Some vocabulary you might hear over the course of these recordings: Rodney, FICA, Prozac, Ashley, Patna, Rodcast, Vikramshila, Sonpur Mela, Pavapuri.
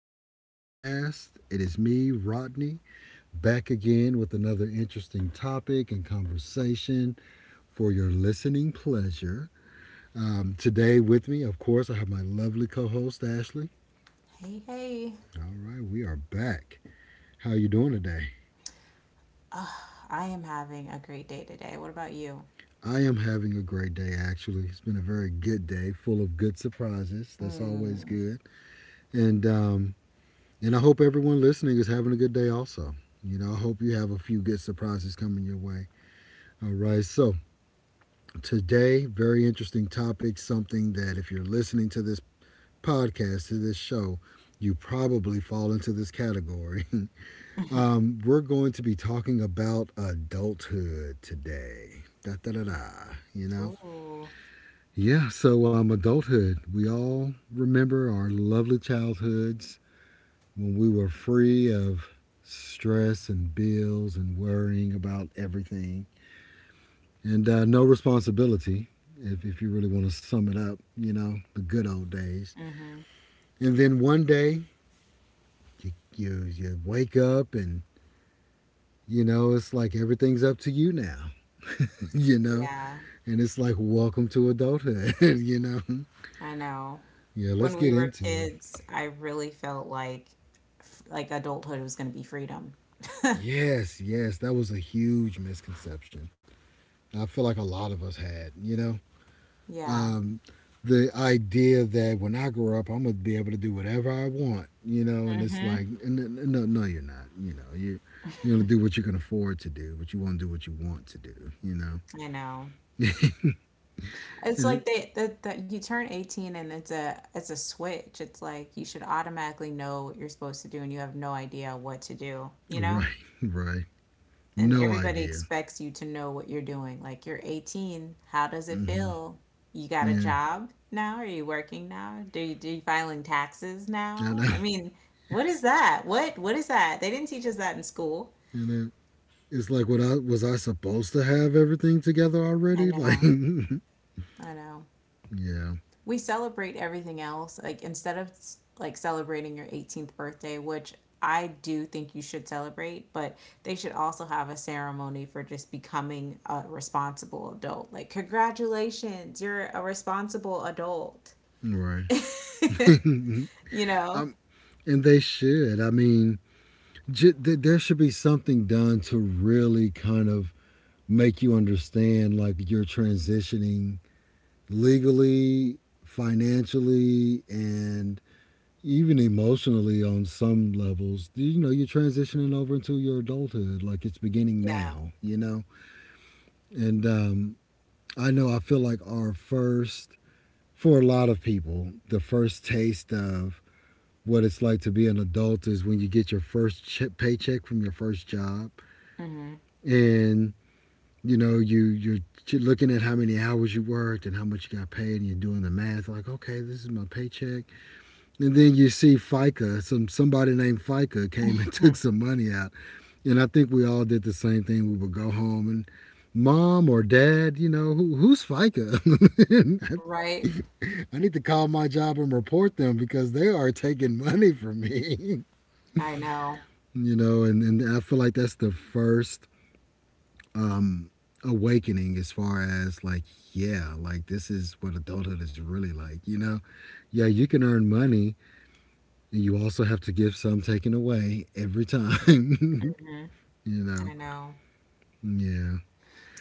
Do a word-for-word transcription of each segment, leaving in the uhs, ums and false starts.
to the Rodcast. It is me, Rodney, back again with another interesting topic and conversation for your listening pleasure. Um, today with me, of course, I have my lovely co-host Ashley. Hey, hey. All right, we are back. How are you doing today? Ugh, I am having a great day today. What about you? I am having a great day actually. It's been a very good day, full of good surprises. That's always Mm. good. And um, And I hope everyone listening is having a good day also. You know, I hope you have a few good surprises coming your way. All right. So, today, very interesting topic, something that if you're listening to this podcast, to this show, you probably fall into this category. Um, we're going to be talking about adulthood today. Da da da da, you know? Ooh. Yeah, so um, adulthood. We all remember our lovely childhoods when we were free of stress and bills and worrying about everything and uh, no responsibility. If, if you really want to sum it up, you know, the good old days. Hmm. And then one day you, you, you wake up and you know it's like everything's up to you now. You know, Yeah, and it's like welcome to adulthood. You know, I know. yeah, let's When we get were into it. kids, I really felt like f- like adulthood was going to be freedom. Yes, yes, that was a huge misconception I feel like a lot of us had, you know. Yeah. Um, the idea that when I grow up, I'm gonna be able to do whatever I want, you know, and it's Hmm. like, no, no, you're not, you know, you you're gonna do what you can afford to do, but you won't do what you want to do, you know. I know. It's And like it, they that that you turn eighteen, and it's a it's a switch. It's like you should automatically know what you're supposed to do, and you have no idea what to do, you know? right, right, And no everybody idea. expects you to know what you're doing. Like, you're eighteen, how does it Hmm. feel? You got a Yeah, job now? Are you working now? Do you do you filing taxes I know. now? I mean, what is that? What what is that? They didn't teach us that in school. You know, it's like, what I was I supposed to have everything together I already? Like, know. I know, yeah, we celebrate everything else. Like, instead of like celebrating your eighteenth birthday, which I do think you should celebrate, but they should also have a ceremony for just becoming a responsible adult. Like, congratulations, you're a responsible adult. right. You know? um, and they should. I mean, j- th- there should be something done to really kind of make you understand like you're transitioning legally, financially, and even emotionally on some levels. You know, you're transitioning over into your adulthood, like it's beginning Yeah. now, you know? And um, I know I feel like our first, for a lot of people, the first taste of what it's like to be an adult is when you get your first che- paycheck from your first job. Hmm. And you know you you're looking at how many hours you worked and how much you got paid and you're doing the math like, okay, this is my paycheck. And then you see FICA, some somebody named FICA came and took some money out. And I think we all did the same thing, we would go home and mom or dad, you know, who who's FICA? Right? I need to call my job and report them because they are taking money from me. I know. You know, and, and I feel like that's the first um awakening as far as like, yeah, like this is what adulthood is really like, you know. Yeah, you can earn money, you also have to give some taken away every time. Hmm. You know, I know. yeah,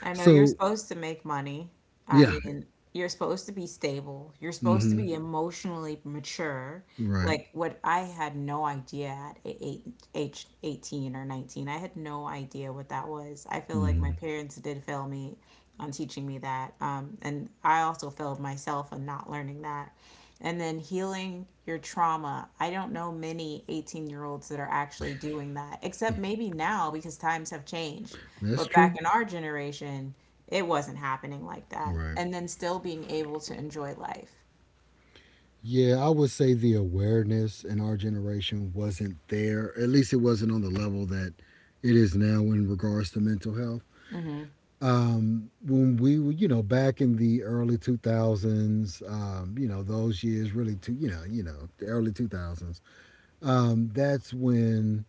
I know you're so supposed to make money. I yeah. mean, you're supposed to be stable. You're supposed to Mm-hmm. be emotionally mature. Right. Like, what, I had no idea at a- eight, age eighteen or nineteen. I had no idea what that was. I feel like my Mm-hmm. parents did fail me on teaching me that. Um, and I also failed myself on not learning that, and then healing your trauma. I don't know many eighteen year olds that are actually doing that, except maybe now because times have changed. That's But back true. in our generation, it wasn't happening like that. Right. And then still being able to enjoy life. Yeah, I would say the awareness in our generation wasn't there, at least it wasn't on the level that it is now in regards to mental health. Hmm. Um, when we were, you know, back in the early two thousands, um, you know, those years really, two, you know, you know, the early two thousands, um, that's when,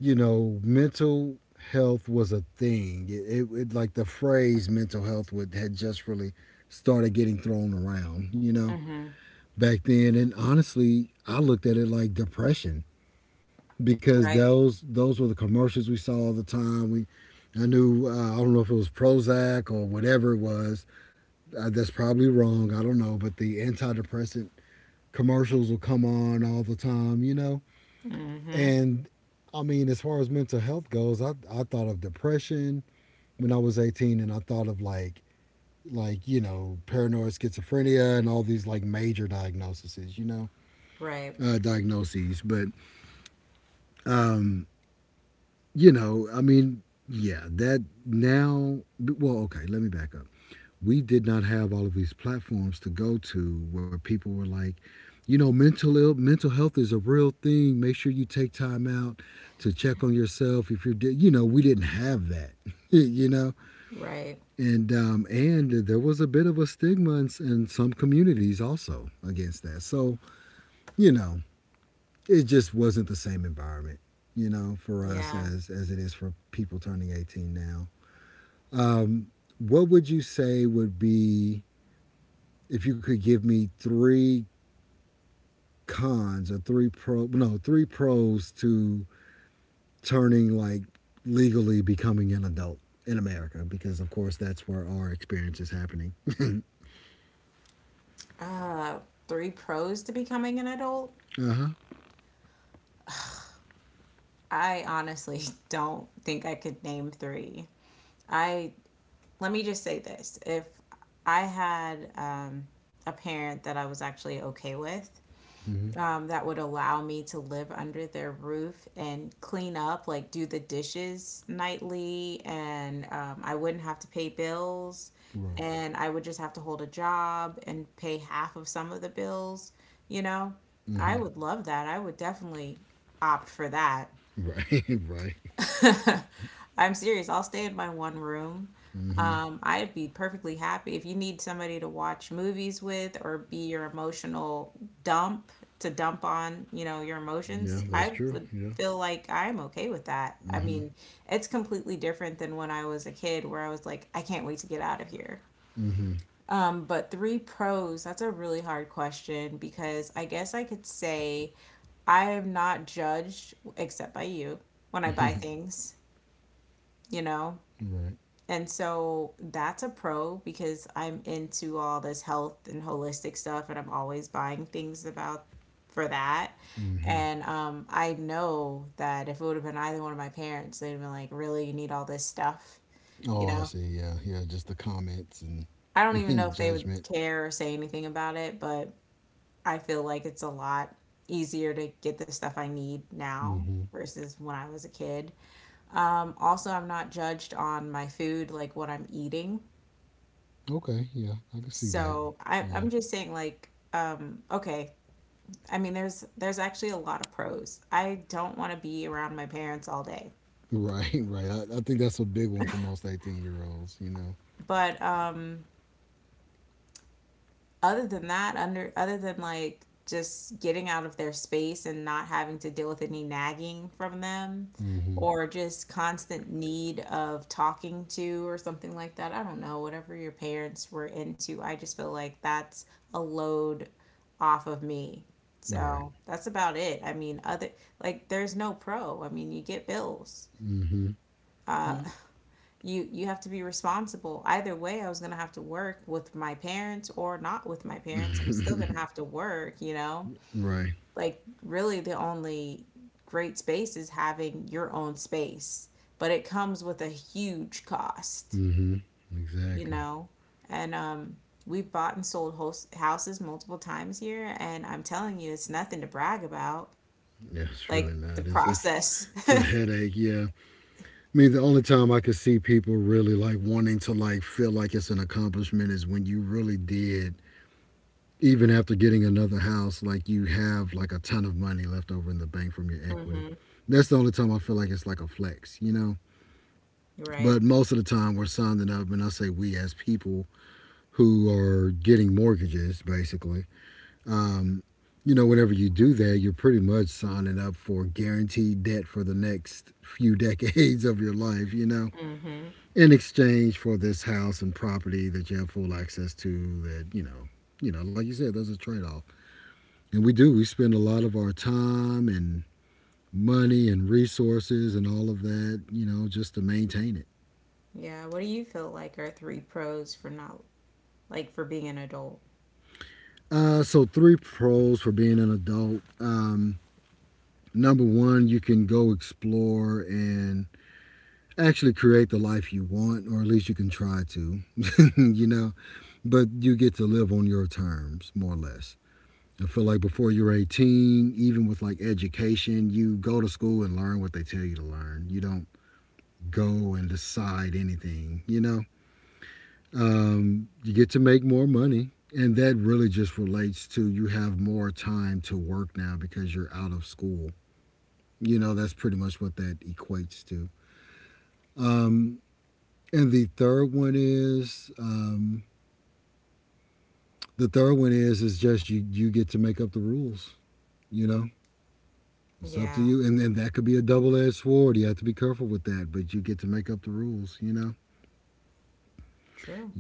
you know, mental health was a thing. It, it, it Like the phrase mental health would had just really started getting thrown around, you know, Hmm. back then. And honestly, I looked at it like depression because Right. those those were the commercials we saw all the time. We I knew, uh, I don't know if it was Prozac or whatever it was, uh, that's probably wrong. I don't know, but the antidepressant commercials will come on all the time, you know? Hmm. And I mean, as far as mental health goes, I, I thought of depression when I was eighteen and I thought of like, like, you know, paranoid schizophrenia and all these like major diagnoses, you know, Right. uh, diagnoses. But, um, you know, I mean, yeah, that now, well, okay, let me back up. We did not have all of these platforms to go to where people were like, you know, mental Ill, mental health is a real thing. Make sure you take time out to check on yourself. If you're, you know, we didn't have that. You know, Right. and um, and there was a bit of a stigma in, in some communities also against that. So you know, it just wasn't the same environment, you know, for us Yeah. as as it is for people turning eighteen now. Um, what would you say would be if you could give me three cons or three pro no, three pros to turning like legally becoming an adult in America, because of course that's where our experience is happening. Uh, Three pros to becoming an adult? Uh huh. I honestly don't think I could name three. I Let me just say this, if I had um, a parent that I was actually okay with, Mm-hmm. um, that would allow me to live under their roof and clean up, like do the dishes nightly, and um, I wouldn't have to pay bills, Right. and I would just have to hold a job and pay half of some of the bills, you know, I Mm-hmm. would love that. I would definitely opt for that. Right. Right. I'm serious. I'll stay in my one room. Mm-hmm. Um, I'd be perfectly happy if you need somebody to watch movies with or be your emotional dump to dump on, you know, your Yeah, emotions. that's I true. would Yeah. feel like I'm okay with that. I Mm-hmm. mean, it's completely different than when I was a kid where I was like, I can't wait to get out of here. Mm-hmm. Um, but three pros, that's a really hard question, because I guess I could say I am not judged except by you when I buy things, you know? Right. And so that's a pro because I'm into all this health and holistic stuff and I'm always buying things about for that. Mm-hmm. And um, I know that if it would have been either one of my parents, they'd have been like, really, you need all this stuff, you Oh, I know? see. Yeah. Yeah. Just the comments and, I don't even know and if they would judgment. care or say anything about it, but I feel like it's a lot easier to get the stuff I need now Mm-hmm. versus when I was a kid. Um, also, I'm not judged on my food, like what I'm eating. Okay. Yeah. I can see that. So I, Yeah. I'm just saying, like, um, okay. I mean, there's there's actually a lot of pros. I don't want to be around my parents all day, Right, right. I, I think that's a big one for most eighteen year olds, you know. but um, other than that, under other than like just getting out of their space and not having to deal with any nagging from them Mm-hmm. or just constant need of talking to or something like that. I don't know, whatever your parents were into. I just feel like that's a load off of me. Right. So, that's about it. I mean, other, like there's no pro. I mean, you get bills, Mm-hmm. you you have to be responsible either way. I was going to have to work with my parents or not with my parents, I'm still going Yeah. to have to work, you know, Right. like really the only great space is having your own space, but it comes with a huge cost, Mm-hmm. you Exactly. know. And um, we bought and sold host- houses multiple times here, and I'm telling you, it's nothing to brag about, Yeah, it's really like the not. It's it's process. it's a headache, yeah. I mean the only time I could see people really like wanting to like feel like it's an accomplishment is when you really did, even after getting another house, like you have like a ton of money left over in the bank from your equity. Mhm. That's the only time I feel like it's like a flex, you know? Right. But most of the time, we're signing up, and I say we as people who are getting mortgages, basically. Um, you know, whenever you do that, you're pretty much signing up for guaranteed debt for the next few decades of your life, you know, Mhm. in exchange for this house and property that you have full access to that, you know, you know, like you said, there's a trade off. And we do, we spend a lot of our time and money and resources and all of that, you know, just to maintain it. Yeah, what do you feel like are three pros for not like for being an adult? Uh, so three pros for being an adult. Number one, you can go explore and actually create the life you want, or at least you can try to, you know, but you get to live on your terms, more or less. I feel like before you're eighteen, even with like education, you go to school and learn what they tell you to learn. You don't go and decide anything, you know? Um, you get to make more money. And that really just relates to you have more time to work now because you're out of school. You know, that's pretty much what that equates to. Um, and the third one is um, The third one is is just you you get to make up the rules. You know, it's up to Yeah, you, and then that could be a double edged sword. You have to be careful with that, but you get to make up the rules. You know, true.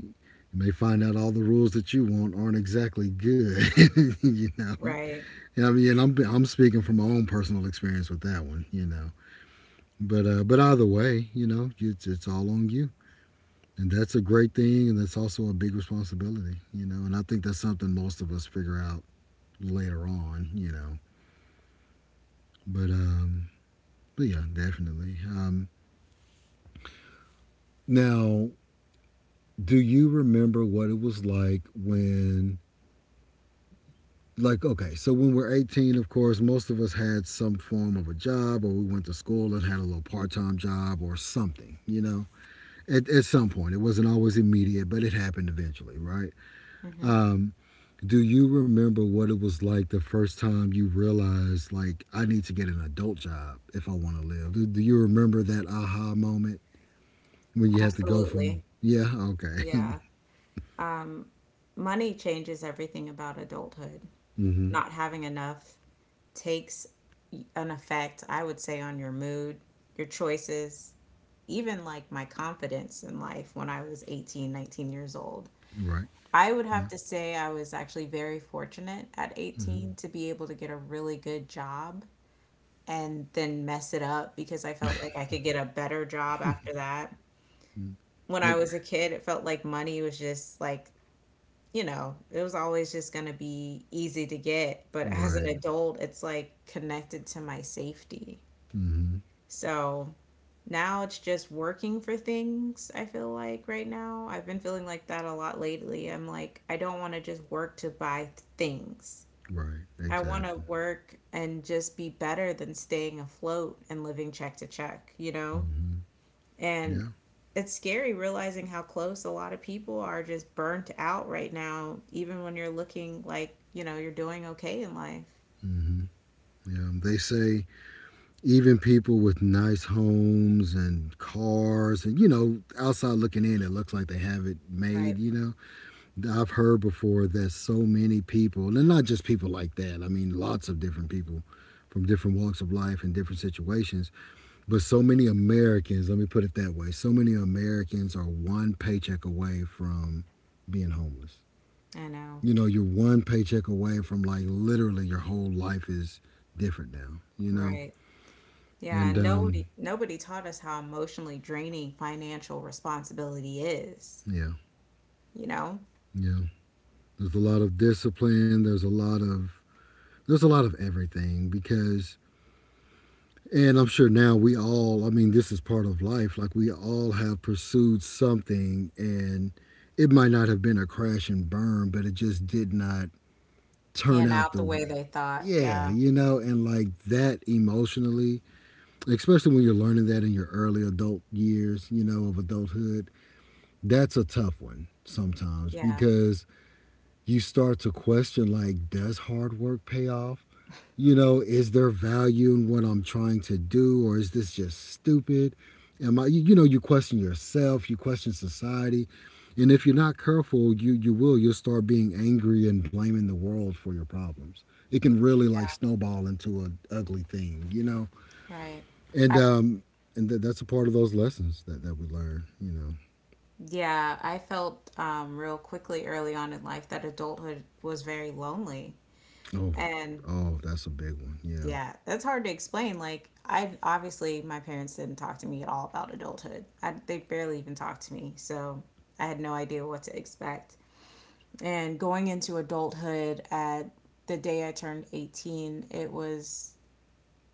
you may find out all the rules that you want aren't exactly good. You know, Right. and I mean, I'm I'm speaking from my own personal experience with that one. You know, but uh, but either way, you know, it's it's all on you. And that's a great thing, and that's also a big responsibility, you know. And I think that's something most of us figure out later on, you know. But um, but yeah, definitely. Um, now, do you remember what it was like when like, okay, so when we're eighteen of course most of us had some form of a job or we went to school and had a little part-time job or something, you know, at, at some point it wasn't always immediate but it happened eventually, right? Hmm. Do you remember what it was like the first time you realized, like, I need to get an adult job if I want to live? Do, do you remember that aha moment when you had to go from, Absolutely. yeah, okay, Yeah. Um, money changes everything about adulthood. mm-hmm, Not having enough takes an effect, I would say, on your mood, your choices, even like my confidence in life when I was eighteen, nineteen years old. right, I would yeah, have to say I was actually very fortunate at mm-hmm, eighteen to be able to get a really good job and then mess it up because I felt like I could get a better job after that. mm, When I it, was a kid, it felt like money was just like, you know, it was always just going to be easy to get. But as an right, adult, it's like connected to my safety. mm-hmm, So now it's just working for things, I feel like right now. I've been feeling like that a lot lately. I'm like, I don't want to just work to buy things. right, I want exactly, to work and just be better than staying afloat and living check to check, you know? mm-hmm, And yeah. it's scary realizing how close a lot of people are just burnt out right now, even when you're looking like, you know, you're doing okay in life. Mm-hmm. Yeah, they say even people with nice homes and cars, and you know, outside looking in, it looks like they have it Right. made. You know, I've heard before that so many people, and not just people like that, I mean, lots of different people from different walks of life and different situations, but so many Americans, let me put it that way, so many Americans are one paycheck away from being homeless. I know. You know, you're one paycheck away from like literally your whole life is different now, you know? Right. Yeah, And and um, nobody nobody taught us how emotionally draining financial responsibility is, Yeah, you know? yeah. There's a lot of discipline, there's a lot of there's a lot of everything because. And I'm sure now we all, I mean, this is part of life. Like we all have pursued something and it might not have been a crash and burn, but it just did not turn Pan out out the the way they thought. yeah, Yeah. you know, and like that emotionally, especially when you're learning that in your early adult years, you know, of adulthood, that's a tough one sometimes Yeah. because you start to question like, does hard work pay off? You know, is there value in what I'm trying to do, or is this just stupid? Am I you, know, you question yourself, you question society. And if you're not careful, you you will you'll start being angry and blaming the world for your problems. It can really Yeah. like snowball into an ugly thing, you know. Right. And I, um and th- that's a part of those lessons that that we learn, you know. yeah, I felt um, real quickly early on in life that adulthood was very lonely. Oh, And oh, that's a big one. Yeah. yeah, that's hard to explain. Like, I obviously my parents didn't talk to me at all about adulthood. I, they barely even talked to me, so I had no idea what to expect. And going into adulthood at the day I turned eighteen, it was,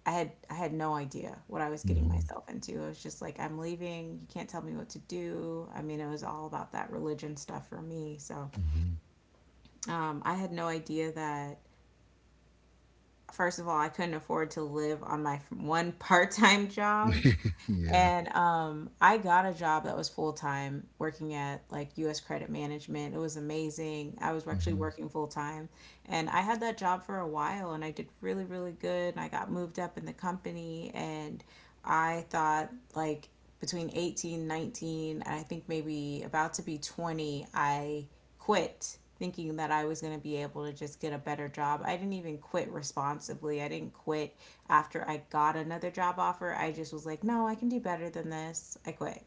I had I had no idea what I was getting Mhm. myself into. I was just like, I'm leaving. You can't tell me what to do. I mean, it was all about that religion stuff for me. So, Mhm. um, I had no idea that, first of all, I couldn't afford to live on my f- one part-time job. Yeah. And um, I got a job that was full time working at like U S Credit Management. It was amazing. I was actually Mhm. working full time. And I had that job for a while, and I did really, really good. And I got moved up in the company. And I thought like between eighteen, nineteen, and I think maybe about to be twenty, I quit thinking that I was going to be able to just get a better job. I didn't even quit responsibly. I didn't quit after I got another job offer, I just was like, no, I can do better than this. I quit.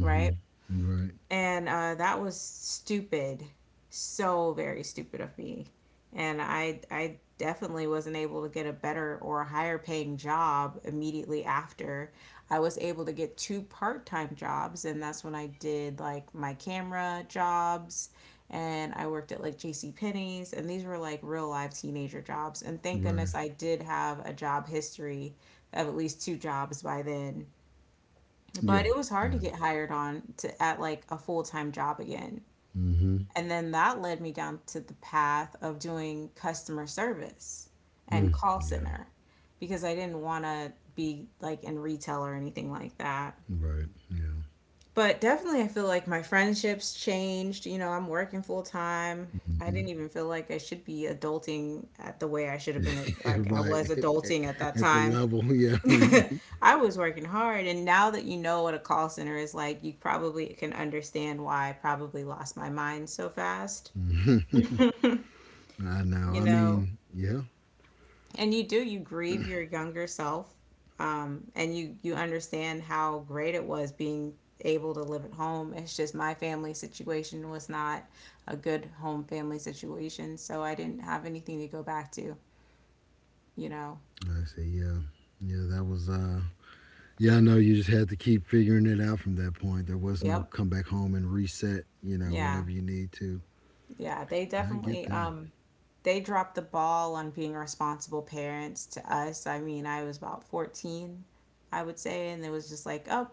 Right. Right. And uh, that was stupid, so very stupid of me. And I I definitely wasn't able to get a better or a higher paying job immediately after. I was able to get two part time jobs, and that's when I did like my camera jobs, and I worked at like J C Penney's, and these were like real live teenager jobs, and thank Right. goodness I did have a job history of at least two jobs by then, Yeah. but it was hard to Yeah. get hired on to at like a full-time job again. Mm-hmm. And then that led me down to the path of doing customer service and Mm, call yeah. center, because I didn't want to be like in retail or anything like that. Right. Yeah. But definitely I feel like my friendships changed, you know, I'm working full time. I didn't even feel like I should be adulting at the way I should have been, Yeah. like I Right. was At, at, adulting at that at the time. level. Yeah. I was working hard, and now that you know what a call center is like, you probably can understand why I probably lost my mind so fast. I know. You I know, mean. Yeah. and you do, you grieve your younger self, um, and you you understand how great it was being able to live at home. It's just my family situation was not a good home family situation, so I didn't have anything to go back to, you know. Like I see. Yeah. Yeah. That was. uh Yeah. I know. You just had to keep figuring it out from that point. There was no Yep. come back home and reset, you know, Yeah. whenever you need to. Yeah, they And I get definitely that. um, they dropped the ball on being responsible parents to us. I mean, I was about fourteen, I would say, and it was just like, oh,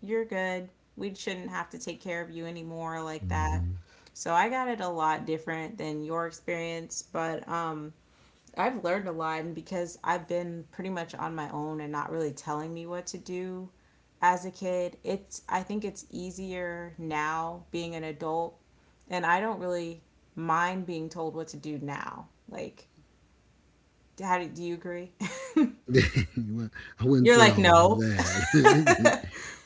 you're good. We shouldn't have to take care of you anymore like that. Mm-hmm. So I got it a lot different than your experience, but um I've learned a lot and because I've been pretty much on my own and not really telling me what to do as a kid. It's I think it's easier now being an adult and I don't really mind being told what to do now. Like, how do, do you agree? Well, I wouldn't You're say like, all "No." that.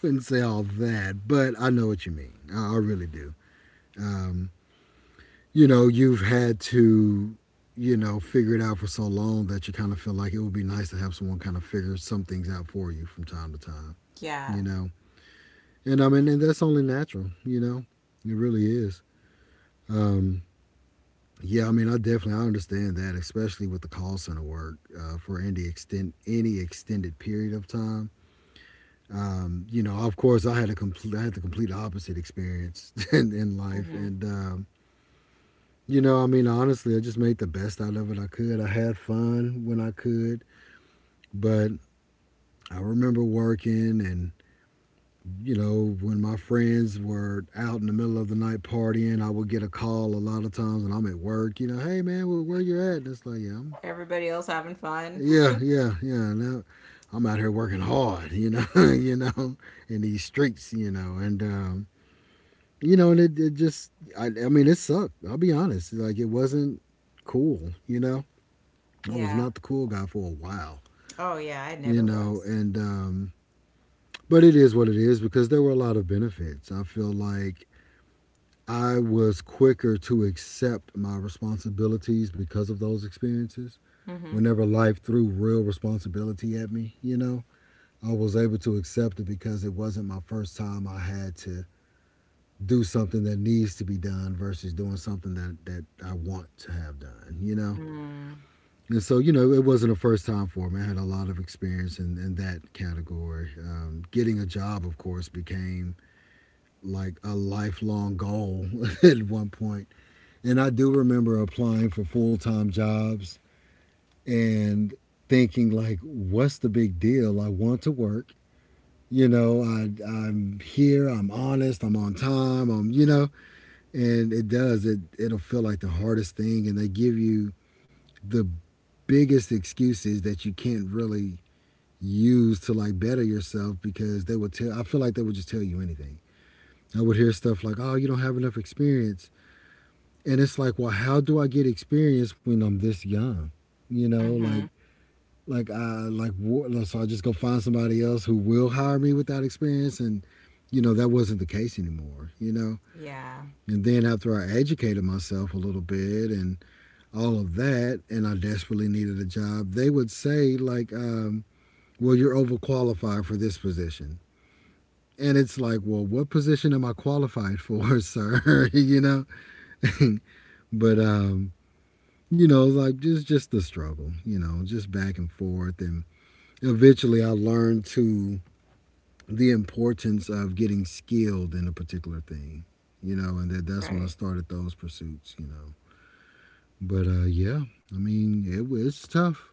Wouldn't say all that, but I know what you mean. I, I really do. Um, you know, you've had to, you know, figure it out for so long that you kind of feel like it would be nice to have someone kind of figure some things out for you from time to time, Yeah. you know? And I mean, and that's only natural, you know. It really is. Um, yeah, I mean, i definitely I understand that, especially with the call center work uh, for any extent any extended period of time. Um, you know, of course, I had a complete, I had the complete opposite experience in, in life, hmm and um, you know, I mean, honestly, I just made the best out of it I could. I had fun when I could, but I remember working, and you know, when my friends were out in the middle of the night partying, I would get a call a lot of times, and I'm at work. You know, hey man, where, where you at? And it's like, yeah, I'm, Everybody else having fun. yeah, yeah, yeah. Now, I'm out here working hard. You know, you know, in these streets. You know, and um, you know, and it, it just, I, I mean, it sucked. I'll be honest. Like, it wasn't cool. You know, I was Yeah. not the cool guy for a while, Oh yeah, I never you know, was. and um, but it is what it is because there were a lot of benefits. I feel like I was quicker to accept my responsibilities because of those experiences. Mhm. Whenever life threw real responsibility at me, you know, I was able to accept it because it wasn't my first time. I had to do something that needs to be done versus doing something that, that I want to have done, you know? Mm. And so, you know, it wasn't a first time for me. I had a lot of experience in, in that category. Um, getting a job, of course, became like a lifelong goal at one point. And I do remember applying for full time jobs and thinking, like, what's the big deal? I want to work. You know, I, I'm here, I'm honest, I'm on time, I'm, you know, and it does. It, it'll feel like the hardest thing. And they give you the biggest excuses that you can't really use to like better yourself because they would tell I feel like they would just tell you anything. I would hear stuff like, "Oh, you don't have enough experience." And it's like, "Well, how do I get experience when I'm this young?" You know, like Mhm. like I like so I just go find somebody else who will hire me without experience, and you know, that wasn't the case anymore, you know. Yeah. And then after I educated myself a little bit and all of that, and I desperately needed a job, they would say like um well, you're overqualified for this position. And it's like, well, what position am I qualified for, sir? You know? But um, you know, like just just the struggle, you know, just back and forth. And eventually I learned to the importance of getting skilled in a particular thing, you know, and that that's when I Right. started those pursuits, you know. But uh yeah, I mean, it was tough.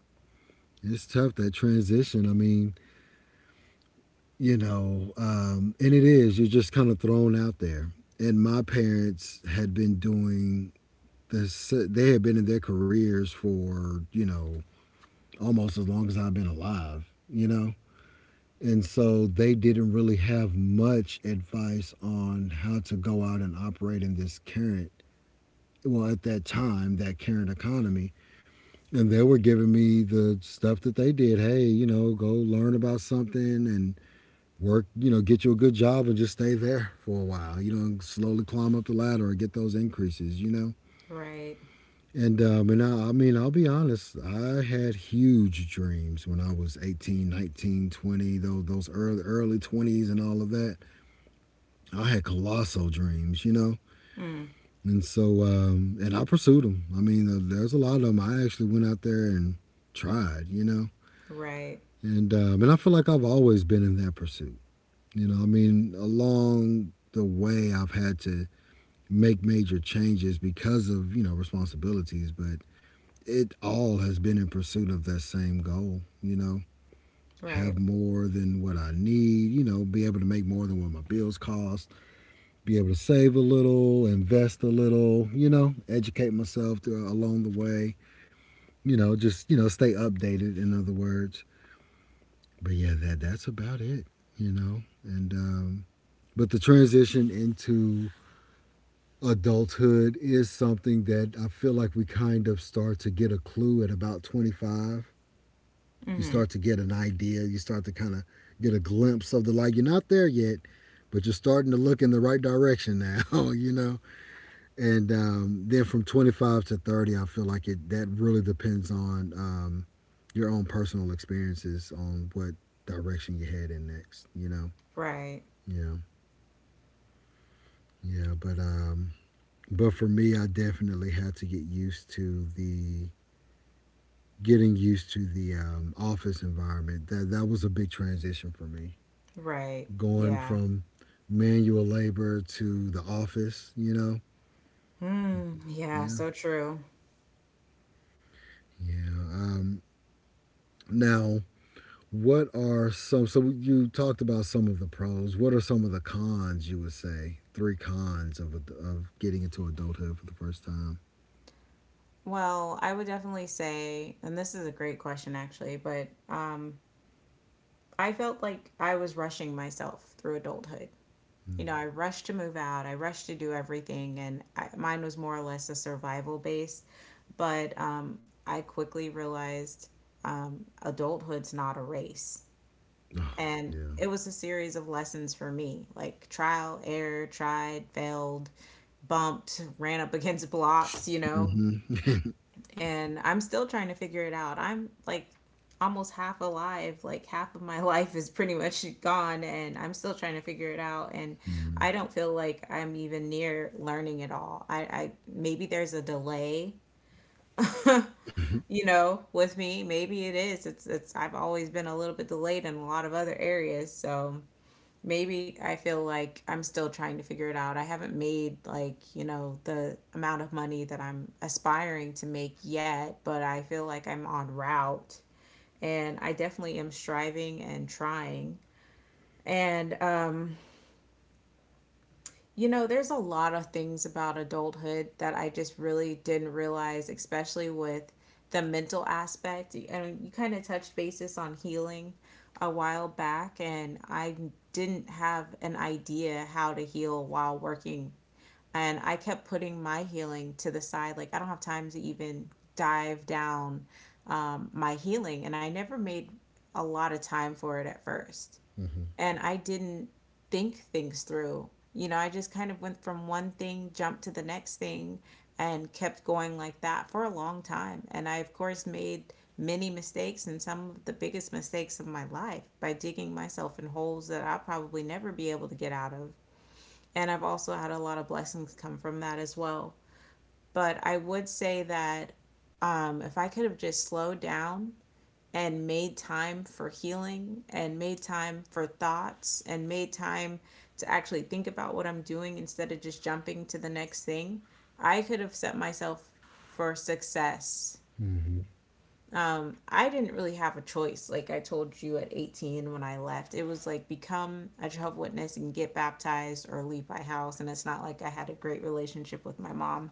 It's tough, that transition. I mean, you know, um, and it is, you're just kind of thrown out there. And my parents had been doing this, they had been in their careers for, you know, almost as long as I've been alive, you know. And so they didn't really have much advice on how to go out and operate in this current, well, at that time, that current economy. And they were giving me the stuff that they did. Hey, you know, go learn about something and work, you know, get you a good job and just stay there for a while, you know, and slowly climb up the ladder or get those increases, you know. Right. And um, and I, I mean, I'll be honest, I had huge dreams when I was eighteen, nineteen, twenty, those those early early twenties and all of that. I had colossal dreams, you know. Mm. And so um, and I pursued them. I mean, uh, there's a lot of them I actually went out there and tried, you know. Right. And um, and I feel like I've always been in that pursuit. You know, I mean, along the way I've had to make major changes because of, you know, responsibilities, but it all has been in pursuit of that same goal, you know. Right. Have more than what I need, you know, be able to make more than what my bills cost, be able to save a little, invest a little, you know, educate myself through, along the way, you know, just, you know, stay updated, in other words. But yeah, that that's about it, you know. And um but the transition into adulthood is something that I feel like we kind of start to get a clue at about twenty-five. You Mm-hmm. start to get an idea, you start to kind of get a glimpse of the light. You're not there yet, but you're starting to look in the right direction now, you know? And um, then from twenty-five to thirty, I feel like it that really depends on um, your own personal experiences on what direction you're heading next, you know? Right. Yeah, yeah, but um, but for me, I definitely had to get used to the getting used to the um, office environment. That that was a big transition for me. Right. Going Yeah. from manual labor to the office, you know. Hmm. Yeah, Yeah, so true. yeah. Um, now, what are some? So you talked about some of the pros. What are some of the cons? You would say three cons of ad- of getting into adulthood for the first time. Well, I would definitely say, and this is a great question actually, but um, I felt like I was rushing myself through adulthood. You Mm. know, I rushed to move out, I rushed to do everything, and I, mine was more or less a survival base. But um, I quickly realized um, adulthood's not a race. Oh, And yeah. it was a series of lessons for me like trial, error, tried, failed, bumped, ran up against blocks, you know. Mm-hmm. And I'm still trying to figure it out. I'm like almost half alive, like half of my life is pretty much gone, and I'm still trying to figure it out. And Mm-hmm. I don't feel like I'm even near learning it all. I, I maybe there's a delay you know with me maybe it is it's it's I've always been a little bit delayed in a lot of other areas so maybe I feel like I'm still trying to figure it out. I haven't made like, you know, the amount of money that I'm aspiring to make yet, but I feel like I'm on route and I definitely am striving and trying. And um you know, there's a lot of things about adulthood that I just really didn't realize, especially with the mental aspect. And you kind of touched basis on healing a while back, and I didn't have an idea how to heal while working. And I kept putting my healing to the side. Like, I don't have time to even dive down um, my healing, and I never made a lot of time for it at first Mm-hmm. and I didn't think things through. You know, I just kind of went from one thing, jumped to the next thing, and kept going like that for a long time. And I, of course, made many mistakes and some of the biggest mistakes of my life by digging myself in holes that I'll probably never be able to get out of. And I've also had a lot of blessings come from that as well. But I would say that um, if I could have just slowed down and made time for healing and made time for thoughts and made time to actually think about what I'm doing instead of just jumping to the next thing, I could have set myself for success. Mm-hmm. I didn't really have a choice. Like I told you at eighteen when I left, it was like become a Jehovah's Witness and get baptized or leave my house. And it's not like I had a great relationship with my mom.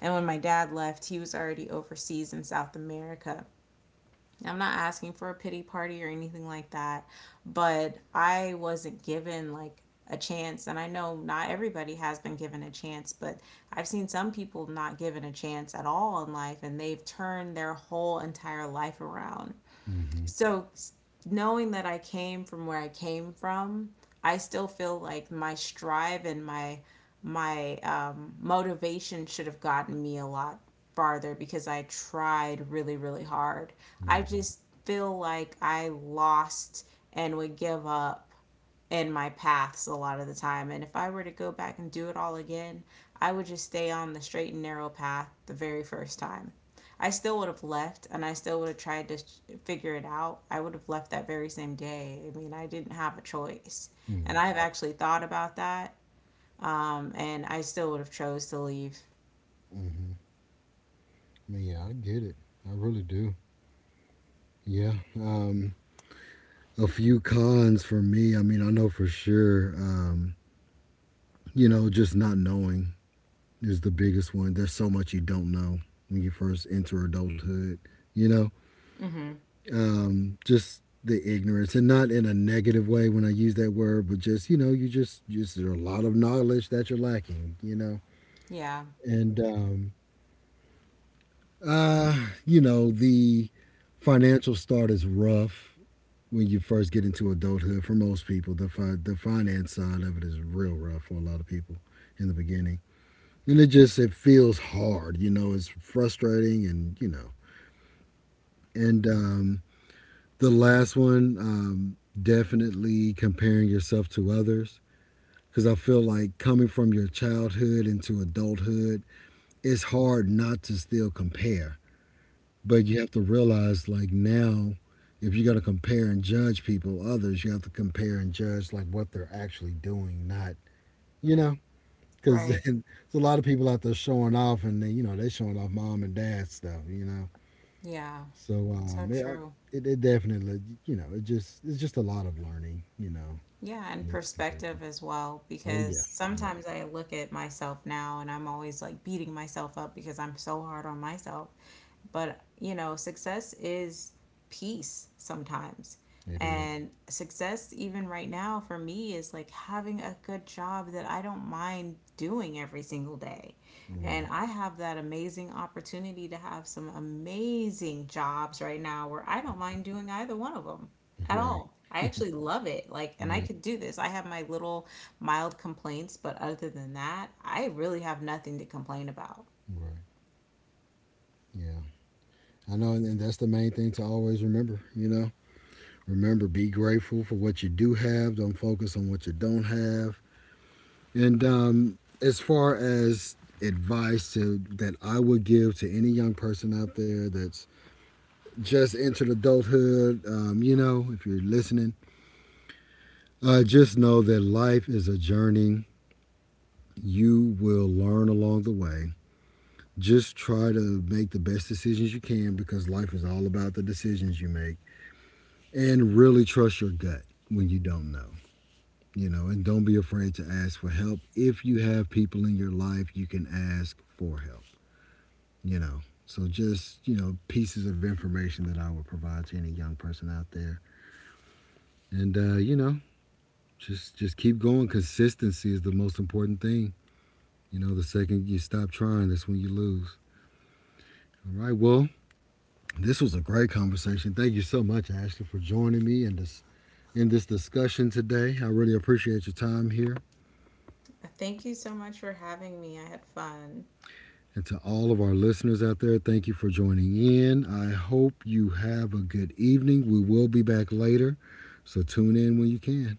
And when my dad left, he was already overseas in South America. I'm not asking for a pity party or anything like that, but I wasn't given like a chance and I know not everybody has been given a chance, but I've seen some people not given a chance at all in life and they've turned their whole entire life around. Mm-hmm. So knowing that I came from where I came from, I still feel like my strive and my my um, motivation should have gotten me a lot farther because I tried really really hard. I Mm-hmm. just feel like I lost and would give up in my paths a lot of the time. And if I were to go back and do it all again, I would just stay on the straight and narrow path the very first time. I still would have left and I still would have tried to figure it out. I would have left that very same day. I mean, I didn't have a choice. And I've actually thought about that. Um, and I still would have chose to leave. Mm-hmm. I mean, yeah, I get it. I really do. Yeah. Um, a few cons for me. I mean, I know for sure, um, you know, just not knowing is the biggest one. There's so much you don't know when you first enter adulthood, you know, Hmm. um, just the ignorance, and not in a negative way when I use that word, but just, you know, you just, just there are a lot of knowledge that you're lacking, you know, Yeah. and, um, uh, you know, the financial start is rough. When you first get into adulthood, for most people, the fi- the finance side of it is real rough for a lot of people in the beginning. And it just, it feels hard, you know, it's frustrating, and you know. And um, the last one, um, definitely comparing yourself to others, because I feel like coming from your childhood into adulthood, it's hard not to still compare. But you have to realize, like now, if you're gonna compare and judge people, others, you have to compare and judge like what they're actually doing, not, you know, because Right. there's a lot of people out there showing off, and they, you know, they showing off mom and dad stuff, you know. Yeah. So So um, it, true. it it definitely, you know, it just it's just a lot of learning, you know, Yeah, it and needs to be done. perspective as well, Oh because yeah, yeah, sometimes I look at myself now and I'm always like beating myself up because I'm so hard on myself. But, you know, success is peace sometimes. it is. And success, even right now, for me, is like having a good job that I don't mind doing every single day. And Right, I have that amazing opportunity to have some amazing jobs right now where I don't mind doing either one of them at right, all. I actually love it. Like, and I yeah, could do this. I have my little mild complaints, but other than that, I really have nothing to complain about. right, yeah. I know, and, and that's the main thing to always remember, you know. Remember, be grateful for what you do have. Don't focus on what you don't have. And um, as far as advice to, that I would give to any young person out there that's just entered adulthood, um, you know, if you're listening, uh, just know that life is a journey. You will learn along the way. Just try to make the best decisions you can, because life is all about the decisions you make. And really trust your gut when you don't know. You know, and don't be afraid to ask for help if you have people in your life you can ask for help, you know. So just, you know, pieces of information that I would provide to any young person out there. And uh, you know, just just keep going. Consistency is the most important thing, you know. The second you stop trying, that's when you lose. All right, well, this was a great conversation. Thank you so much, Ashley, for joining me in this, in this discussion today. I really appreciate your time here. Thank you so much for having me. I had fun. And to all of our listeners out there, thank you for joining in. I hope you have a good evening. We will be back later, so tune in when you can.